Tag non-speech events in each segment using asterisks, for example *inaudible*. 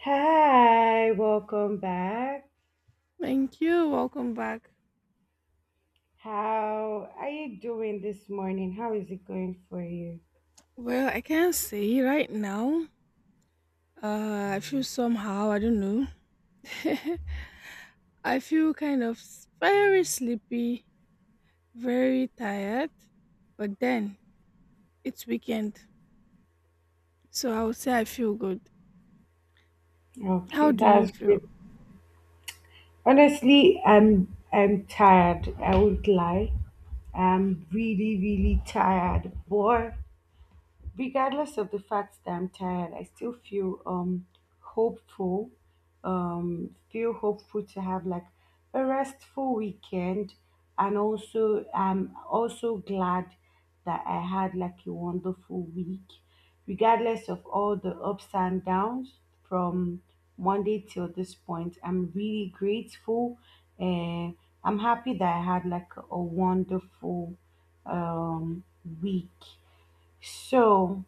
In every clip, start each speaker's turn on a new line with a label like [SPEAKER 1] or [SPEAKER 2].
[SPEAKER 1] Hi, welcome back.
[SPEAKER 2] Thank you. Welcome back.
[SPEAKER 1] How are you doing this morning? How is it going for you?
[SPEAKER 2] Well, I can't say right now. I feel somehow, I don't know. *laughs* I feel kind of very sleepy, very tired, but then it's weekend. So I would say I feel good. How
[SPEAKER 1] Okay,
[SPEAKER 2] do you
[SPEAKER 1] that's
[SPEAKER 2] feel?
[SPEAKER 1] good. Honestly, I'm tired. I won't lie. I'm really, really tired. But regardless of the fact that I'm tired, I still feel hopeful. Feel hopeful to have like a restful weekend, and also I'm also glad that I had like a wonderful week, regardless of all the ups and downs from Monday till this point. I'm really grateful. Uh, I'm happy that I had like a wonderful um week. So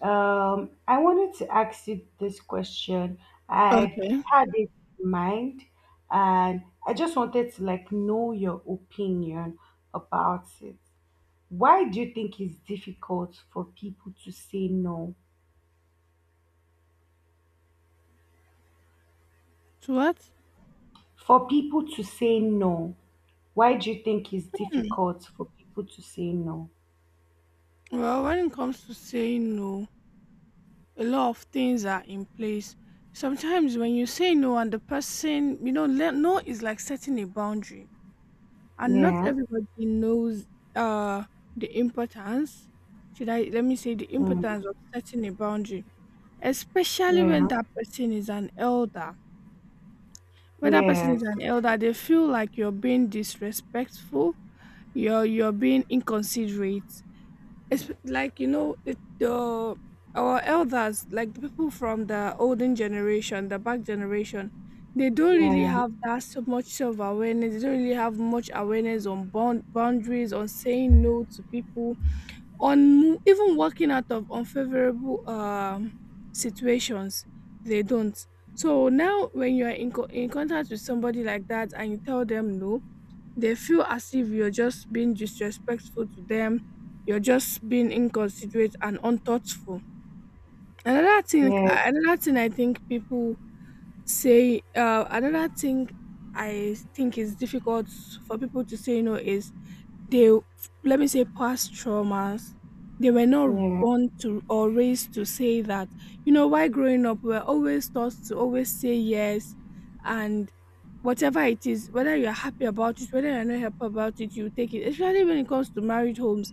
[SPEAKER 1] I wanted to ask you this question. I
[SPEAKER 2] Okay.
[SPEAKER 1] had it in mind, and I just wanted to like know your opinion about it. Why do you think it's difficult for people to say no?
[SPEAKER 2] To what?
[SPEAKER 1] For people to say no, why do you think it's difficult for people to say no?
[SPEAKER 2] Well, when it comes to saying no, a lot of things are in place. Sometimes when you say no and the person, you know, no is like setting a boundary, and not
[SPEAKER 1] Yeah.
[SPEAKER 2] everybody knows uh the importance. Should I, let me say, the
[SPEAKER 1] Mm.
[SPEAKER 2] importance of setting a boundary, especially when
[SPEAKER 1] Yeah.
[SPEAKER 2] that person is an elder. When that person is
[SPEAKER 1] Yes.
[SPEAKER 2] an elder, they feel like you're being disrespectful. You're being inconsiderate. It's like, you know it, the, our elders, like the people from the olden generation, the back generation, they don't really
[SPEAKER 1] Yeah.
[SPEAKER 2] have that so much self awareness they don't really have much awareness on boundaries, on saying no to people, on even walking out of unfavorable situations. They don't. So now when you are in contact with somebody like that and you tell them no, they feel as if you're just being disrespectful to them. You're just being inconsiderate and unthoughtful.
[SPEAKER 1] Yeah.
[SPEAKER 2] Another thing, I think people say, another thing I think is difficult for people to say no is, they, let me say, past traumas. They were not
[SPEAKER 1] Yeah.
[SPEAKER 2] born to or raised to say that. You know, while growing up, we're always taught to always say yes, and whatever it is, whether you're happy about it, whether you're not happy about it, you take it. Especially when it comes to married homes.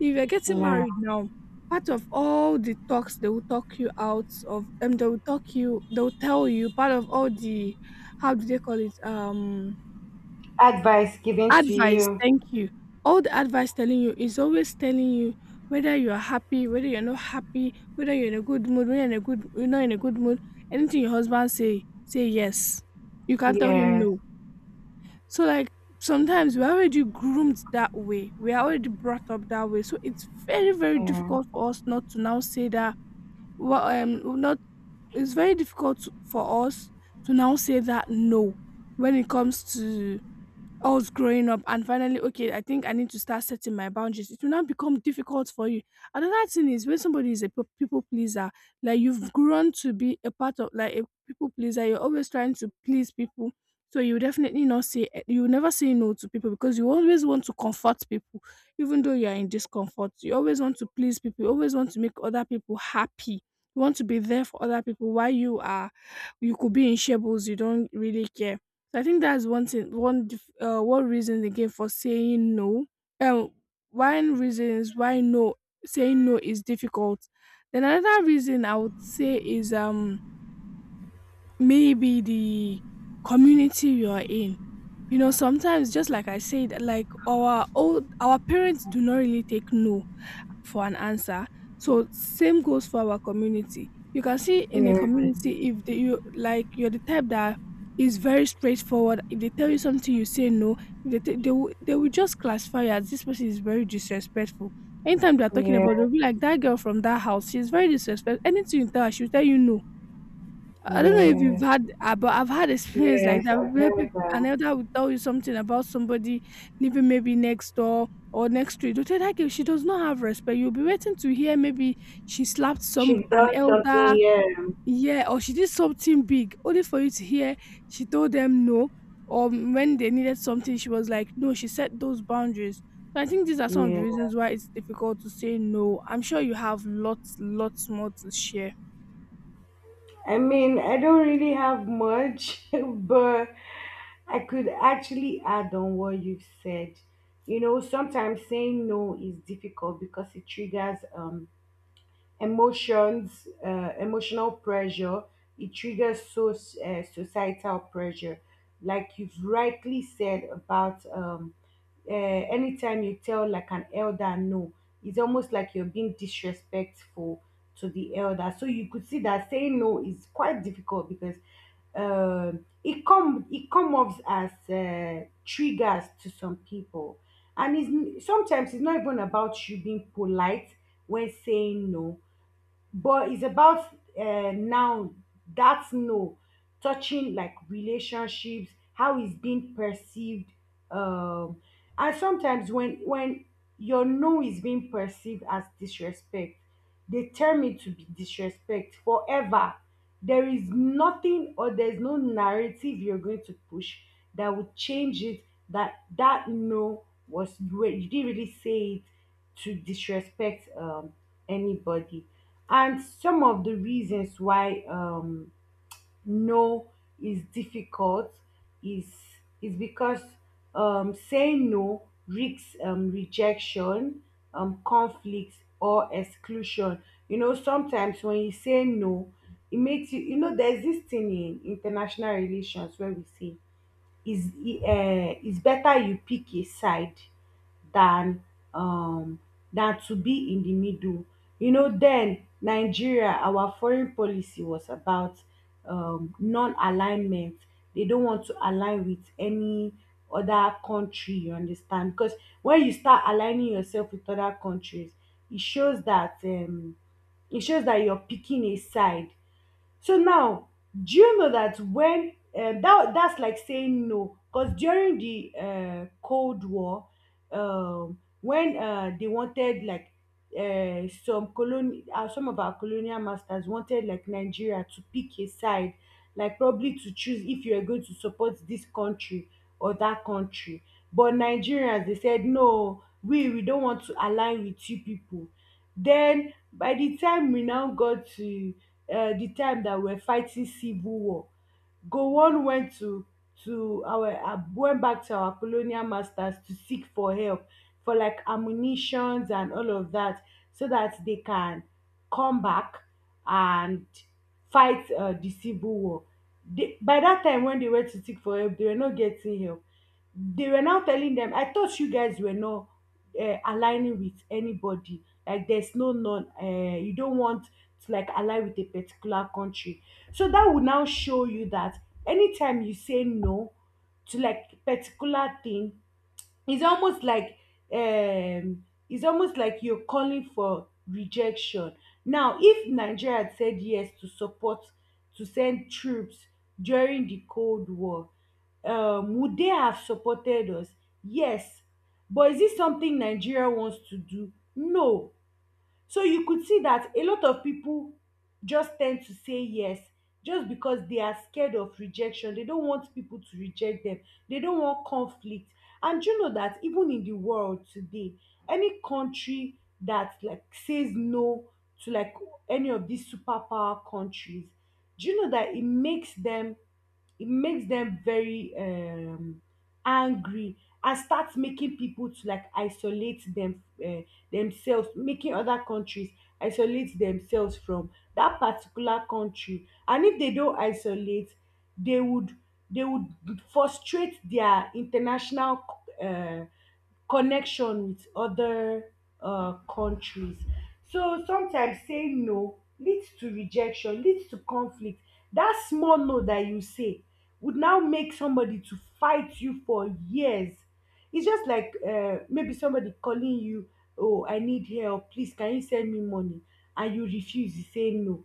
[SPEAKER 2] If you're getting
[SPEAKER 1] Yeah.
[SPEAKER 2] married now, part of all the talks, they will talk you out of they will talk you, they'll tell you, part of all the, how do they call it?
[SPEAKER 1] Advice given to
[SPEAKER 2] Advice,
[SPEAKER 1] you.
[SPEAKER 2] thank you. All the advice telling you, is always telling you, whether you are happy, whether you're not happy, whether you're in a good mood, whether you're not in a good mood. Anything your husband say, say yes. You can't tell him
[SPEAKER 1] Yes.
[SPEAKER 2] no. So like, sometimes we're already groomed that way. We're already brought up that way. So it's very, very
[SPEAKER 1] Yeah.
[SPEAKER 2] difficult for us not to now say that, well, not, it's very difficult for us to now say that no when it comes to, I was growing up and finally, okay, I think I need to start setting my boundaries. It will now become difficult for you. Another thing is when somebody is a people pleaser. Like, you've grown to be a part of like a people pleaser. You're always trying to please people. So you definitely not say eh, you will never say no to people because you always want to comfort people, even though you are in discomfort. You always want to please people. You always want to make other people happy. You want to be there for other people while you are, you could be in shables. You don't really care. So I think that's one thing, one reason again for saying no. Um, one reason is why no, saying no is difficult. Then another reason I would say is maybe the community you are in. You know, sometimes, just like I said, like our old our parents do not really take no for an answer. So same goes for our community. You can see in a
[SPEAKER 1] Yeah.
[SPEAKER 2] community, if they, you, like you're the type that is very straightforward, if they tell you something, you say no. If they, they will just classify you as, this person is very disrespectful. Anytime they're talking about,
[SPEAKER 1] Yes,
[SPEAKER 2] they'll be like, that girl from that house, she's very disrespectful. Anything you tell her, she'll tell you no. I don't know if you've
[SPEAKER 1] yes,
[SPEAKER 2] had, but I've had experience like
[SPEAKER 1] yes,
[SPEAKER 2] that
[SPEAKER 1] I've
[SPEAKER 2] where peop,
[SPEAKER 1] heard
[SPEAKER 2] an
[SPEAKER 1] them.
[SPEAKER 2] elder will tell you something about somebody living maybe next door or next street. You'll tell that girl she does not have respect. You'll be waiting to hear maybe she slapped some,
[SPEAKER 1] She's
[SPEAKER 2] an
[SPEAKER 1] done something,
[SPEAKER 2] elder,
[SPEAKER 1] yeah.
[SPEAKER 2] yeah, or she did something big, only for you to hear she told them no. Or when they needed something, she was like, no, she set those boundaries. So I think these are some of the
[SPEAKER 1] Yeah.
[SPEAKER 2] reasons why it's difficult to say no. I'm sure you have lots, lots more to share.
[SPEAKER 1] I mean, I don't really have much, *laughs* but I could actually add on what you've said. You know, sometimes saying no is difficult because it triggers emotions, emotional pressure. It triggers so, societal pressure, like you've rightly said about anytime you tell like an elder no, it's almost like you're being disrespectful to the elder. So you could see that saying no is quite difficult because it come off as triggers to some people, and it's sometimes it's not even about you being polite when saying no, but it's about now that no touching like relationships, how it's being perceived um and sometimes when your no is being perceived as disrespect, they tell me to be disrespect forever. There is nothing, or there's no narrative you're going to push that would change it, that that no was, you didn't really say it to disrespect anybody. And some of the reasons why no is difficult is is because, saying no risks rejection, conflict, or exclusion. You know, sometimes when you say no, it makes you, there's this thing in international relations where we say is is better you pick a side than um than to be in the middle. You know, then Nigeria, our foreign policy was about non-alignment. They don't want to align with any other country, you understand? Because when you start aligning yourself with other countries, it shows that you're picking a side. So now, do you know that when that that's like saying no, because during the Cold War, when they wanted like some of our colonial masters wanted like Nigeria to pick a side, like probably to choose if you are going to support this country or that country. But Nigerians, they said no, we don't want to align with you people. Then by the time we now got to the time that we're fighting civil war, Gowon went to our went back to our colonial masters to seek for help for like ammunitions and all of that so that they can come back and fight the civil war. By that time when they went to seek for help, they were not getting help. They were now telling them, I thought you guys were not aligning with anybody, like there's no none you don't want to like align with a particular country. So that will now show you that anytime you say no to like particular thing, it's almost like you're calling for rejection. Now, if Nigeria had said yes to support to send troops during the Cold War, would they have supported us? Yes. But is this something Nigeria wants to do? No. So you could see that a lot of people just tend to say yes just because they are scared of rejection. They don't want people to reject them. They don't want conflict. And you know that even in the world today, any country that like says no to like any of these superpower countries, do you know that it makes them very angry, and starts making people to like isolate them themselves, making other countries isolate themselves from that particular country. And if they don't isolate, they would they would frustrate their international uh, connection with other countries. So sometimes saying no leads to rejection, leads to conflict. That small no that you say would now make somebody to fight you for years. It's just like maybe somebody calling you, oh, I need help. Please, can you send me money? And you refuse, you say no.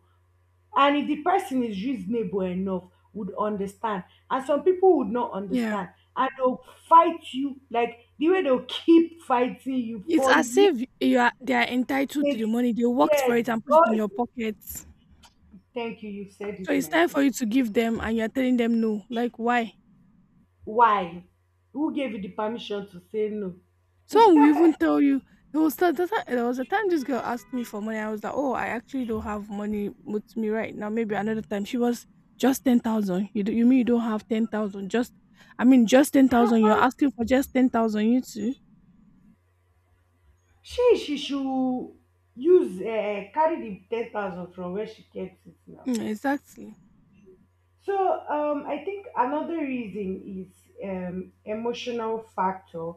[SPEAKER 1] And if the person is reasonable enough, would understand. And some people would not
[SPEAKER 2] Yeah.
[SPEAKER 1] understand. And they'll fight you, like the way they'll keep fighting you
[SPEAKER 2] It's
[SPEAKER 1] for
[SPEAKER 2] as
[SPEAKER 1] years.
[SPEAKER 2] if you are, they are entitled to the money. They worked for
[SPEAKER 1] Yes.
[SPEAKER 2] it and put it
[SPEAKER 1] Oh,
[SPEAKER 2] in your pocket. So
[SPEAKER 1] thank you. You said it,
[SPEAKER 2] it's
[SPEAKER 1] my
[SPEAKER 2] time for
[SPEAKER 1] sister.
[SPEAKER 2] you to give them and you're telling them no. Like why?
[SPEAKER 1] Why? Who gave you the permission to say no?
[SPEAKER 2] Some will even tell you, there was the, the, there was a time this girl asked me for money. I was like, oh, I actually don't have money with me right now. Maybe another time. She was, just 10,000. You do, you mean you don't have 10,000? Just, I mean, just 10,000. You're asking for just 10,000, you too.
[SPEAKER 1] She should use carry the 10,000 from where she kept it now.
[SPEAKER 2] Mm, exactly.
[SPEAKER 1] So I think another reason is emotional factor.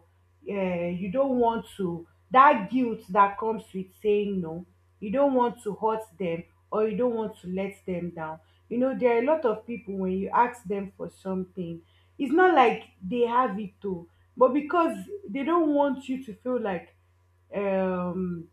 [SPEAKER 1] You don't want to, that guilt that comes with saying no. You don't want to hurt them, or you don't want to let them down. You know there are a lot of people, when you ask them for something, it's not like they have it too, but because they don't want you to feel um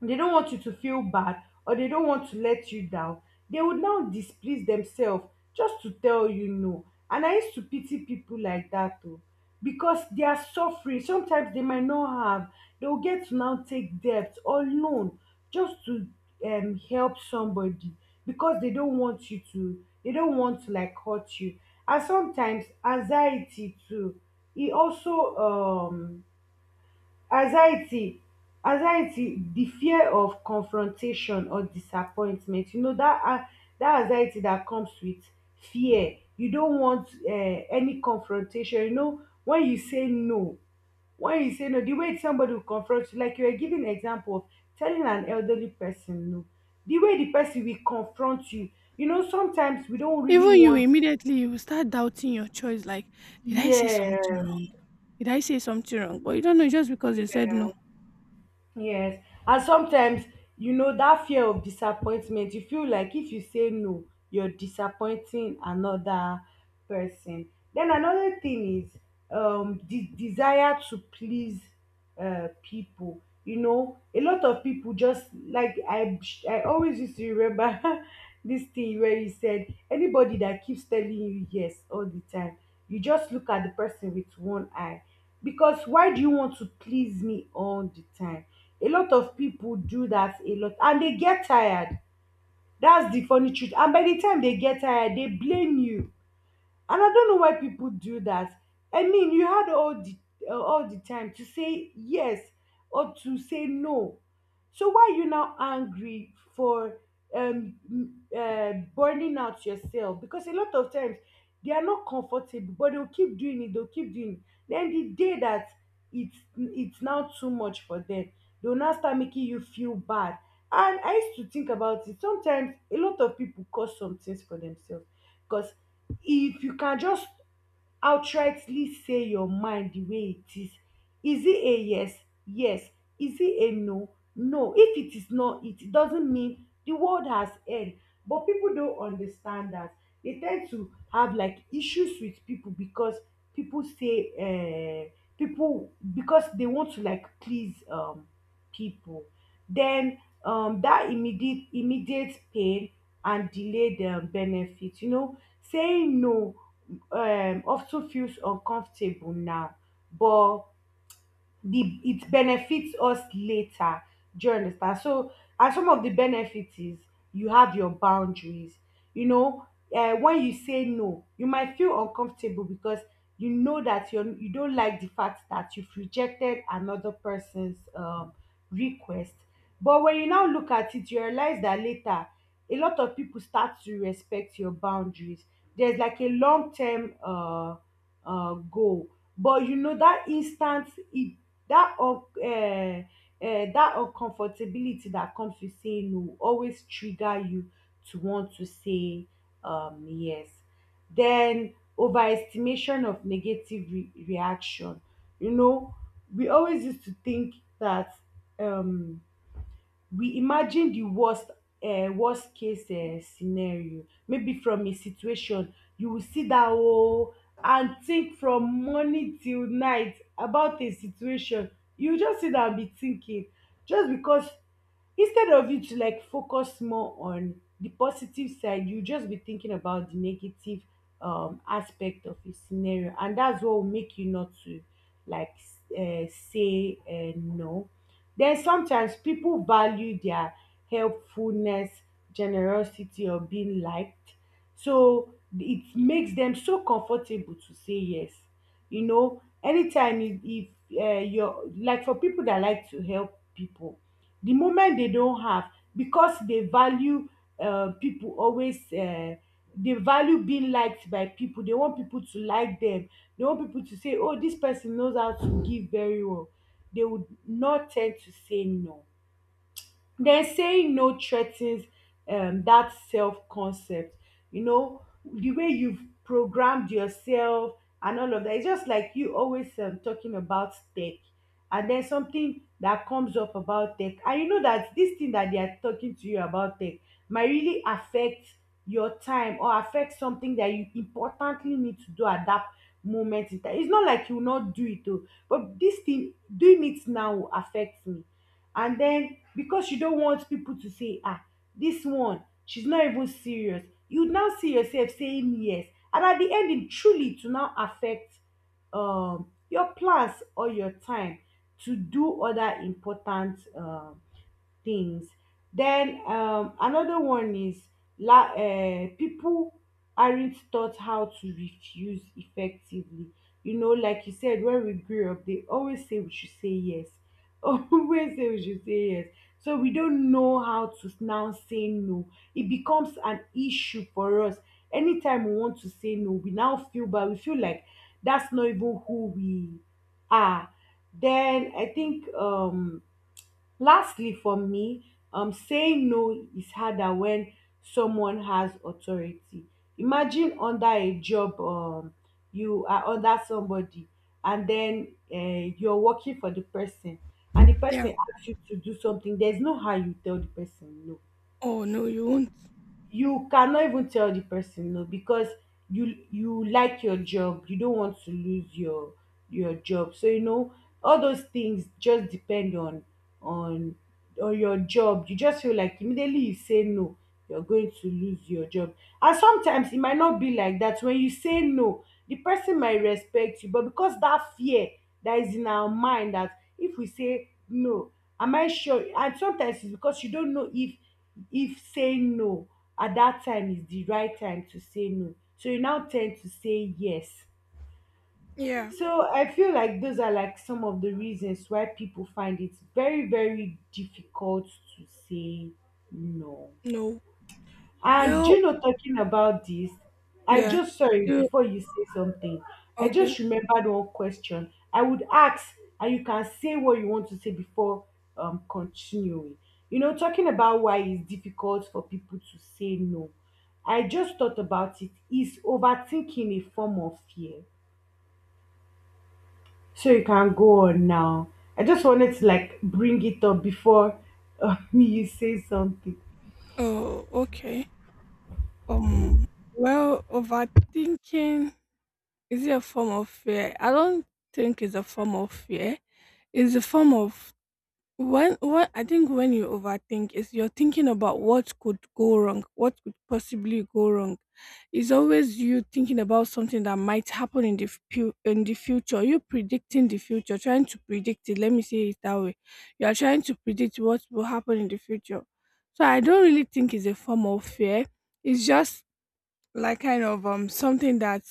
[SPEAKER 1] bad, or they don't want to let you down, they would now displease themselves just to tell you no. And I used to pity people like that, oh, because they are suffering. Sometimes they might not have, they will get to now take debt or loan just to help somebody, because they don't want you to they don't want to like hurt you. And sometimes anxiety too, e also um anxiety anxiety the fear of confrontation or disappointment. You know that an that anxiety that comes with fear, you don't want any confrontation. You know, when you say no the way somebody will confront you, like you were giving example of telling an elderly person no, the way the person will confront you you know Sometimes we don't really
[SPEAKER 2] Even you,
[SPEAKER 1] want.
[SPEAKER 2] immediately you will start doubting your choice. Like, did I say
[SPEAKER 1] Yeah.
[SPEAKER 2] something wrong? Did I say something wrong? But you don't know just because you said no.
[SPEAKER 1] Yes. And sometimes, that fear of disappointment, you feel like if you say no, you're disappointing another person. Then another thing is the desire to please people. You know, a lot of people, just like I always used to remember, *laughs* this thing where you said anybody that keeps telling you yes all the time, you just look at the person with one eye. Because why do you want to please me all the time? A lot of people do that a lot, and dey get tired. That's the funny truth, and by the time dey get tired, dey blame you. And I don't know why people do that. I mean, you had all the all the time to say yes or to say no. So why are you now angry for burning out yourself? Because a lot of times they are not comfortable, but they'll keep doing it. Then the day that it's now too much for them, they'll now start making you feel bad. And I used to think about it, sometimes a lot of people cause some things for themselves, because if you can just outrightly say your mind the way it is. Is it a yes? Yes. Is it a no? No. If it is not, it doesn't mean the world has end. But people don't understand that. They tend to have like issues with people, because people say uh, people, because they want to like please people. Then that immediate pain, and delayed benefit, saying no of ten feels uncomfortable now, but the it benefits us later. Do you understand? So, and some of the benefits is you have your boundaries. You know, when you say no, you might feel uncomfortable because you know that you don't like the fact that you've rejected another person's request. But when you now look at it, you realize that later a lot of people start to respect your boundaries. There's like a long term goal. But you know that instant, it that un- uh that uncomfortability that comes with saying no always trigger you to want to say yes. Then overestimation of negative reaction. You know, we always used to think that um, we imagine di worst worst case scenario maybe from a situation. You will sit down oo and think from morning till night about a situation, you go just sit down and be thinking, just because instead of you to like focus more on the positive side you just be thinking about the negative aspect of a scenario, and that's what will make you not to like say no. Then sometimes people value their helpfulness, generosity, or being liked. So it makes them so comfortable to say yes. You know, anytime if you're like for people that like to help people, the moment they don't have, because they value people always, they value being liked by people. They want people to like them. They want people to say, oh, this person knows how to give very well, they would not tend to say no. Then saying no threatens that self concept. You know, the way you've programmed yourself and all of that. It's just like you always talking about tech, and then something that comes up about tech, and you know that this thing that they are talking to you about tech might really affect your time or affect something that you importantly need to do at that moment in time. It's not like you will not do it, though, but this thing doing it now will affect me, and then because you don't want people to say, ah, this one, she's not even serious. You now see yourself saying yes. And at the end, it truly to now affect your plans or your time to do other important things. Then another one is people aren't taught how to refuse effectively. You know, like you said, when we grew up, they always say we should say yes. *laughs* Always say we should say yes. So we don't know how to now say no. It becomes an issue for us. Anytime we want to say no, we now feel bad. We feel like that's not even who we are. Then I think lastly for me, saying no is harder when someone has authority. Imagine under a job, you are under somebody, and then you're working for the person, and the
[SPEAKER 2] Yeah.
[SPEAKER 1] person asks you to do something, there's no how you tell the person no.
[SPEAKER 2] Oh no, you won't.
[SPEAKER 1] You cannot even tell the person no, because you like your job, you don't want to lose your job, so you know all those things just depend on on your job. You just feel like immediately you say no, you're going to lose your job. And sometimes it might not be like that, when you say no the person might respect you, but because that fear that is in our mind that if we say no, am I sure? And sometimes it's because you don't know if saying no at that time is the right time to say no, so you now tend to say yes.
[SPEAKER 2] Yeah.
[SPEAKER 1] So I feel like those are like some of the reasons why people find it very very difficult to say no.
[SPEAKER 2] No.
[SPEAKER 1] And
[SPEAKER 2] Well.
[SPEAKER 1] you know, talking about this, I
[SPEAKER 2] Yeah.
[SPEAKER 1] just, sorry
[SPEAKER 2] You
[SPEAKER 1] before you say something. I just
[SPEAKER 2] okay?
[SPEAKER 1] remembered one question I would ask, and you can say what you want to say before continuing. You know, talking about why it's difficult for people to say no. I just thought about it. Is overthinking a form of fear? So you can go on now. I just wanted to like bring it up before *laughs* you say something.
[SPEAKER 2] Oh okay. Um. Well, overthinking, is it a form of fear? I don't think it's a form of fear. It's a form of. When, what I think when you overthink is, you're thinking about what could go wrong, what could possibly go wrong. It's always you thinking about something that might happen in the in the future. You predicting the future, trying to predict it. Let me say it that way. You are trying to predict what will happen in the future. So I don't really think it's a form of fear. It's just like, kind of something that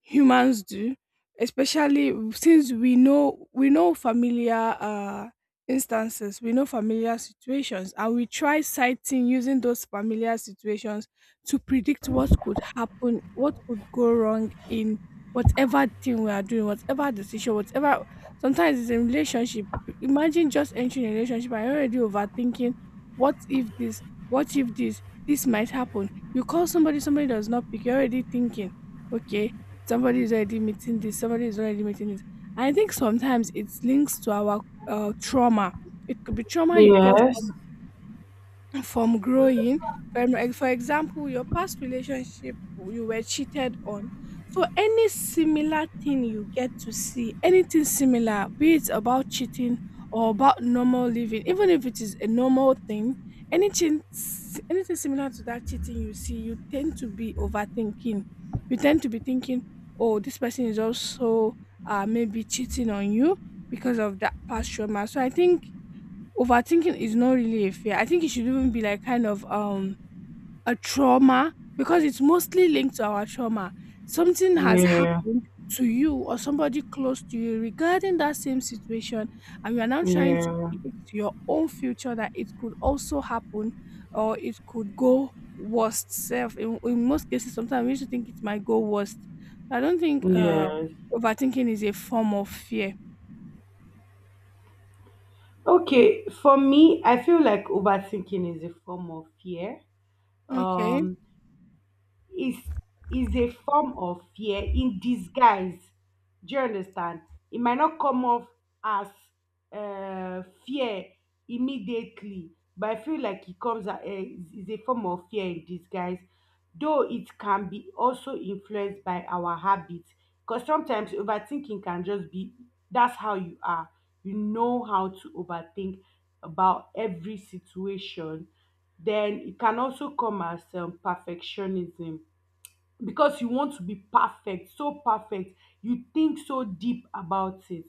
[SPEAKER 2] humans do, especially since we know familiar instances, we know familiar situations, and we try citing, using those familiar situations to predict what could happen, what could go wrong in whatever thing we are doing, whatever decision, whatever. Sometimes it's a relationship. Imagine just entering a relationship and you're already overthinking. What if this, this might happen. You call somebody, somebody does not pick. You're already thinking, okay, somebody is already meeting this, somebody is already meeting this. I think sometimes it's links to our trauma. It could be trauma you got
[SPEAKER 1] Yes.
[SPEAKER 2] from growing, from, like, for example, your past relationship, you were cheated on. So any similar thing you get to see, anything similar, be it about cheating or about normal living, even if it is a normal thing, anything anything similar to that cheating you see, you tend to be overthinking. You tend to be thinking, oh, this person is also maybe cheating on you because of that past trauma. So I think overthinking is not really a fear. I think it should even be like, kind of a trauma because it's mostly linked to our trauma. Something has
[SPEAKER 1] Yeah.
[SPEAKER 2] happened to you or somebody close to you regarding that same situation, and you are now trying to
[SPEAKER 1] Yeah.
[SPEAKER 2] predict your own future that it could also happen or it could go worst self. In most cases, sometimes we used to think it might go worst. So, I don't think
[SPEAKER 1] Yes.
[SPEAKER 2] overthinking is a form of fear.
[SPEAKER 1] Okay, for me, I feel like overthinking is a form of fear.
[SPEAKER 2] Okay.
[SPEAKER 1] Um, is is a form of fear in disguise. Do you understand? It might not come off as fear immediately, but I feel like it comes is a form of fear in disguise. Though it can be also influenced by our habits, because sometimes overthinking can just be that's how you are. You know how to overthink about every situation. Then it can also come as perfectionism, because you want to be perfect so perfect you think so deep about it.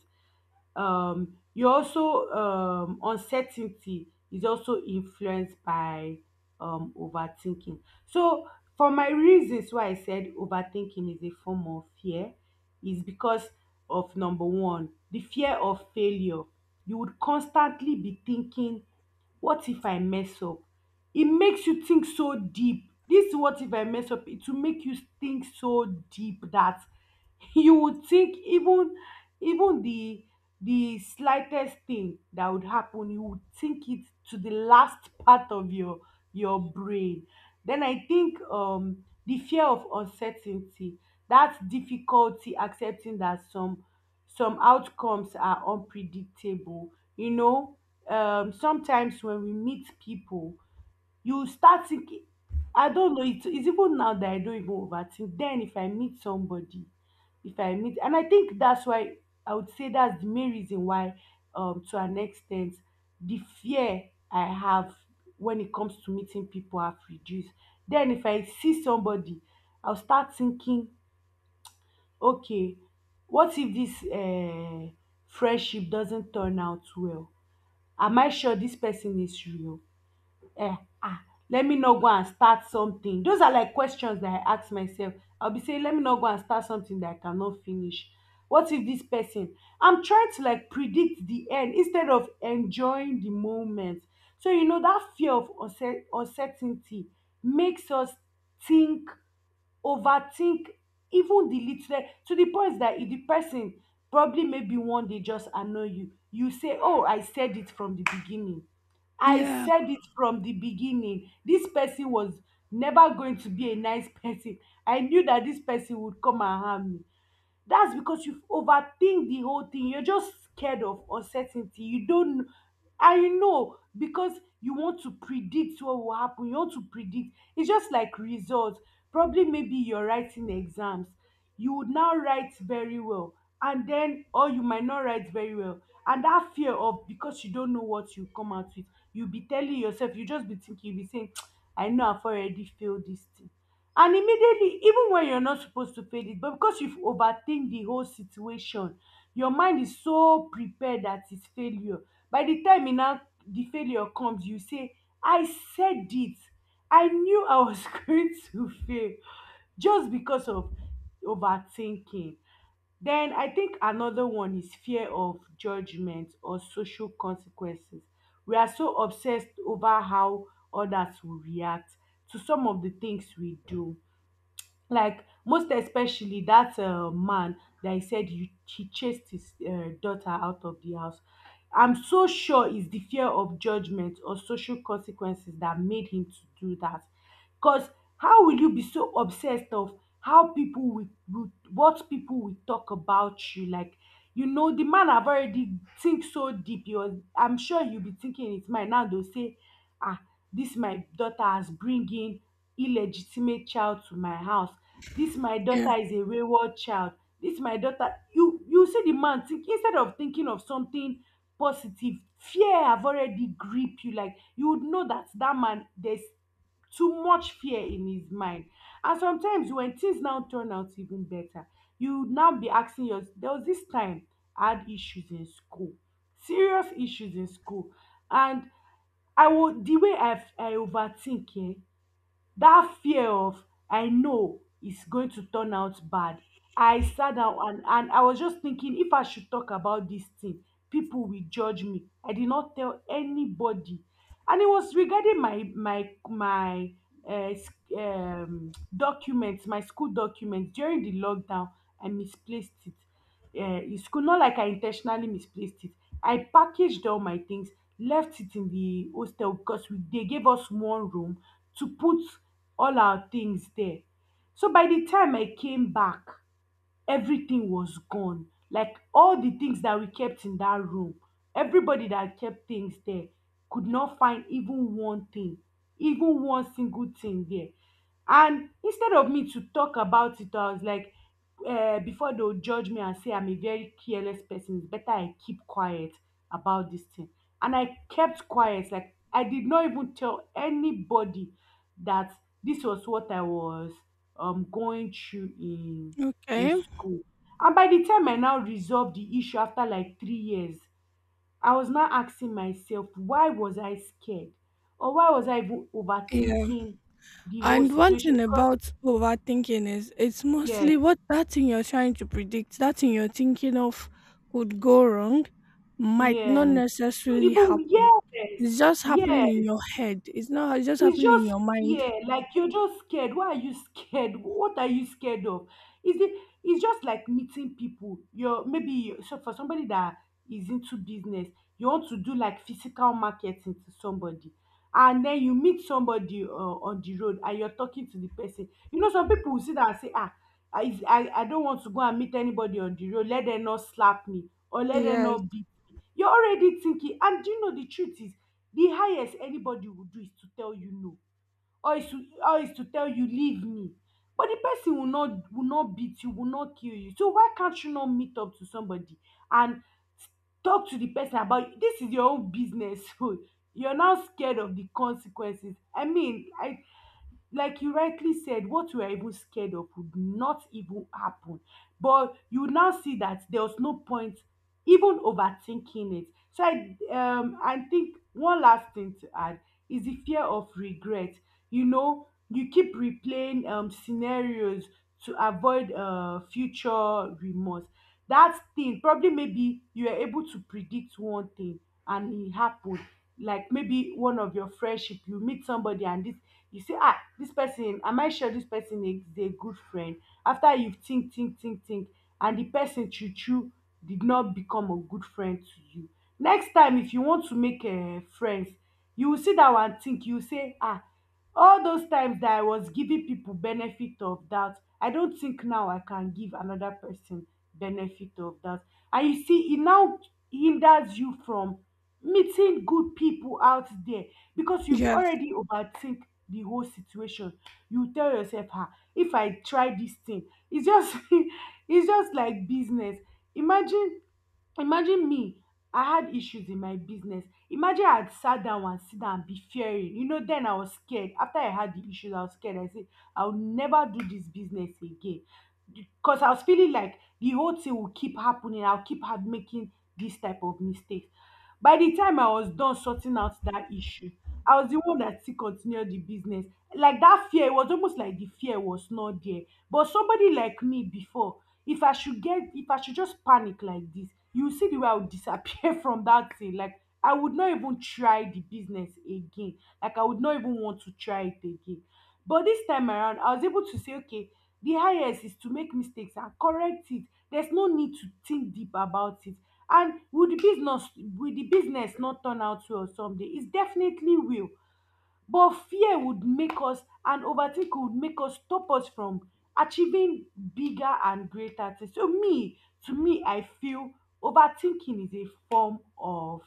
[SPEAKER 1] You also uncertainty is also influenced by overthinking. So for my reasons why I said overthinking is a form of fear is because of number one, the fear of failure. You would constantly be thinking, what if I mess up? It makes you think so deep. This what if I mess up, it will make you think so deep that *laughs* you would think even even the slightest thing that would happen, you would think it to the last part of your brain. Then I think the fear of uncertainty, that difficulty accepting that some outcomes are unpredictable, you know. Sometimes when we meet people, you start thinking, I don't know, it, it's even now that I don't even overthink. Then if I meet somebody, if I meet, and I think that's why, I would say that's the main reason why, to an extent, the fear I have when it comes to meeting people have reduced. Then if I see somebody, I'll start thinking, okay, what if this friendship doesn't turn out well? Am I sure this person is real? um ah, let me no go and start something. Those are like questions that I ask myself. I'll be saying, let me not go and start something that I cannot finish. What if this person? I'm trying to like predict the end instead of enjoying the moment. So, you know, that fear of uncertainty makes us think, overthink even the little, to the point that if the person probably maybe one day just annoy you, you say, oh I said it from the beginning, I
[SPEAKER 2] Yeah.
[SPEAKER 1] said it from the beginning, this person was never going to be a nice person, I knew that this person would come and harm me. That's because you've overthink the whole thing, you're just scared of uncertainty, you don't, I know because you want to predict what will happen, you want to predict, it's just like results. Probably maybe you're writing exams, you would now write very well, and then or you might not write very well, and that fear of, because you don't know what you come out with, you'll be telling yourself, you just be thinking, you'll be saying, *tsk* I know I've already failed this thing. And immediately, even when you're not supposed to feel it, but because you've overthink the whole situation, your mind is so prepared that it's failure. By the time it now, the failure comes, you say, I said it, I knew I was *laughs* going to fail, just because of overthinking. Then I think another one is fear of judgment or social consequences. We are so obsessed over how others will react to some of the things we do. um most especially dat man that he said he chased his daughter out of the house. I'm so sure it's the fear of judgment or social consequences that made him to do that. Cause how will you be so obsessed of how people will, what people will talk about you? Like, you know, the man have already think so deep, he was, I'm sure he'll be thinking in his mind now, they will say, um dis my daughter has bring in illegitimate child to my house, dis my
[SPEAKER 2] Yeah.
[SPEAKER 1] daughter is a wayward child, dis my daughter, you see the man think instead of thinking of something positive. Fear have already grip you, like you would know that that man, there's too much fear in his mind. And sometimes when things now turn out even better, you would now be asking yours. There was this time I had issues in school, serious issues in school, and I would, the way I overthink eh, that fear of, I know it's going to turn out bad, I sat down and I was just thinking if I should talk about this thing, people will judge me, I did not tell anybody. And it was regarding my my my uh, s- documents, my school documents during the lockdown. I misplaced it, in school, not like I intentionally misplaced it, I packaged all my things, left it in the hostel because we, they gave us one room to put all our things there. So by the time I came back, everything was gone. Like all the things that we kept in that room, everybody that kept things there could not find even one thing, even one single thing there. And instead of me to talk about it, I was like, before they'll judge me and say I'm a very careless person, it's better I keep quiet about this thing. And I kept quiet. Like, I did not even tell anybody that this was what I was going through in
[SPEAKER 2] Okay.
[SPEAKER 1] school. And by the time I now resolved the issue after like 3 years, I was now asking myself, why was I scared? Or why was I even
[SPEAKER 2] Yeah.
[SPEAKER 1] overthinking the whole
[SPEAKER 2] And one
[SPEAKER 1] situation?
[SPEAKER 2] thing
[SPEAKER 1] Because
[SPEAKER 2] about overthinking is, it's
[SPEAKER 1] yes,
[SPEAKER 2] mostly what, that thing you're trying to predict, that thing you're thinking of could go wrong, might not
[SPEAKER 1] yes,
[SPEAKER 2] necessarily
[SPEAKER 1] even
[SPEAKER 2] happen.
[SPEAKER 1] yes,
[SPEAKER 2] It's just happening in
[SPEAKER 1] yes.
[SPEAKER 2] your head. It's not, it's just
[SPEAKER 1] It's
[SPEAKER 2] happening in
[SPEAKER 1] just
[SPEAKER 2] your mind.
[SPEAKER 1] fear. Like you're just scared. Why are you scared? What are you scared of? Is it? It's just like meeting people. So for somebody that is into business, you want to do like physical marketing to somebody, and then you meet somebody on the road, and you're talking to the person. You know, some people will sit there and say, ah, I, is- I don't want to go and meet anybody on the road. Let them not slap me or let them
[SPEAKER 2] Yes.
[SPEAKER 1] not beat me. You're already thinking. And do you know, the truth is the highest anybody would do is to tell you no, or is to tell you leave me. But the person will not, beat you, will not kill you. So why can't you not meet up to somebody and talk to the person? About this is your own business. *laughs* So you're now scared of the consequences. I mean i like you rightly said, what you are even scared of would not even happen, but you now see that there was no point even overthinking it. So I think one last thing to add is the fear of regret. You know, you keep replaying scenarios to avoid future remorse. That thing, probably maybe you were able to predict one thing and it happened. Like maybe one of your friendship, you meet somebody and this you say, ah, this person, am I sure this person is a good friend? After you think, and the person choo choo did not become a good friend to you. Next time, if you want to make friends, you will sit down and think, you will say, ah, all those times that I was giving people benefit of doubt, I don't think now I can give another person benefit of doubt. And you see, it now hinders you from meeting good people out there because you've
[SPEAKER 2] Yes.
[SPEAKER 1] already overthink the whole situation. You tell yourself, ah, if I try this thing, it's just *laughs* it's just like business. Imagine imagine me, I had issues in my business. Imagine I had sat down and sit down and be fearing, then I was scared. After I had the issues, I was scared. I said I'll never do this business again because I was feeling like the whole thing will keep happening, I'll keep have making this type of mistakes. By the time I was done sorting out that issue, I was the one that still continued the business. Like that fear, it was almost like the fear was not there. But somebody like me before, if I should just panic like this, you see the way I would disappear *laughs* from that thing. Like I would not even try the business again, like I would not even want to try it again. But this time around, I was able to say, okay, the highest is to make mistakes and correct it. There's no need to think deep about it. And will the business not turn out well someday? It definitely will. But fear would make us, and overthinking would make us, stop us from achieving bigger and greater things. So, to me, I feel overthinking is a form of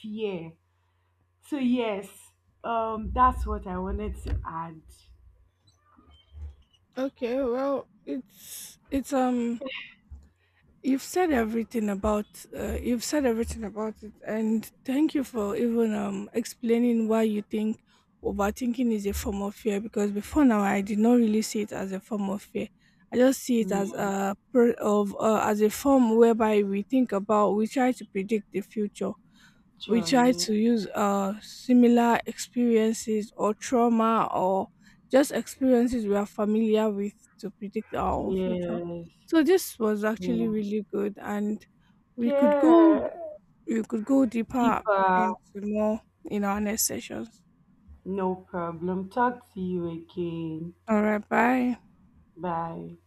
[SPEAKER 1] fear. So yes, that's what I wanted to add.
[SPEAKER 2] Okay, well, it's you've said everything about, you've said everything about it, and thank you for even explaining why you think overthinking is a form of fear. Because before now, I did not really see it as a form of fear. I just see it as
[SPEAKER 1] Yeah,
[SPEAKER 2] a pro- of as a form whereby we think about, we try to predict the future, we
[SPEAKER 1] sure.
[SPEAKER 2] try
[SPEAKER 1] Yeah,
[SPEAKER 2] to use similar experiences or trauma or just experiences we are familiar with to predict our own future.
[SPEAKER 1] yes,
[SPEAKER 2] So this was actually
[SPEAKER 1] yeah,
[SPEAKER 2] really good, and we could go,
[SPEAKER 1] yeah.
[SPEAKER 2] we could go deeper
[SPEAKER 1] Deeper,
[SPEAKER 2] into more in our next sessions.
[SPEAKER 1] no problem. Talk to you again.
[SPEAKER 2] All right, bye.
[SPEAKER 1] Bye.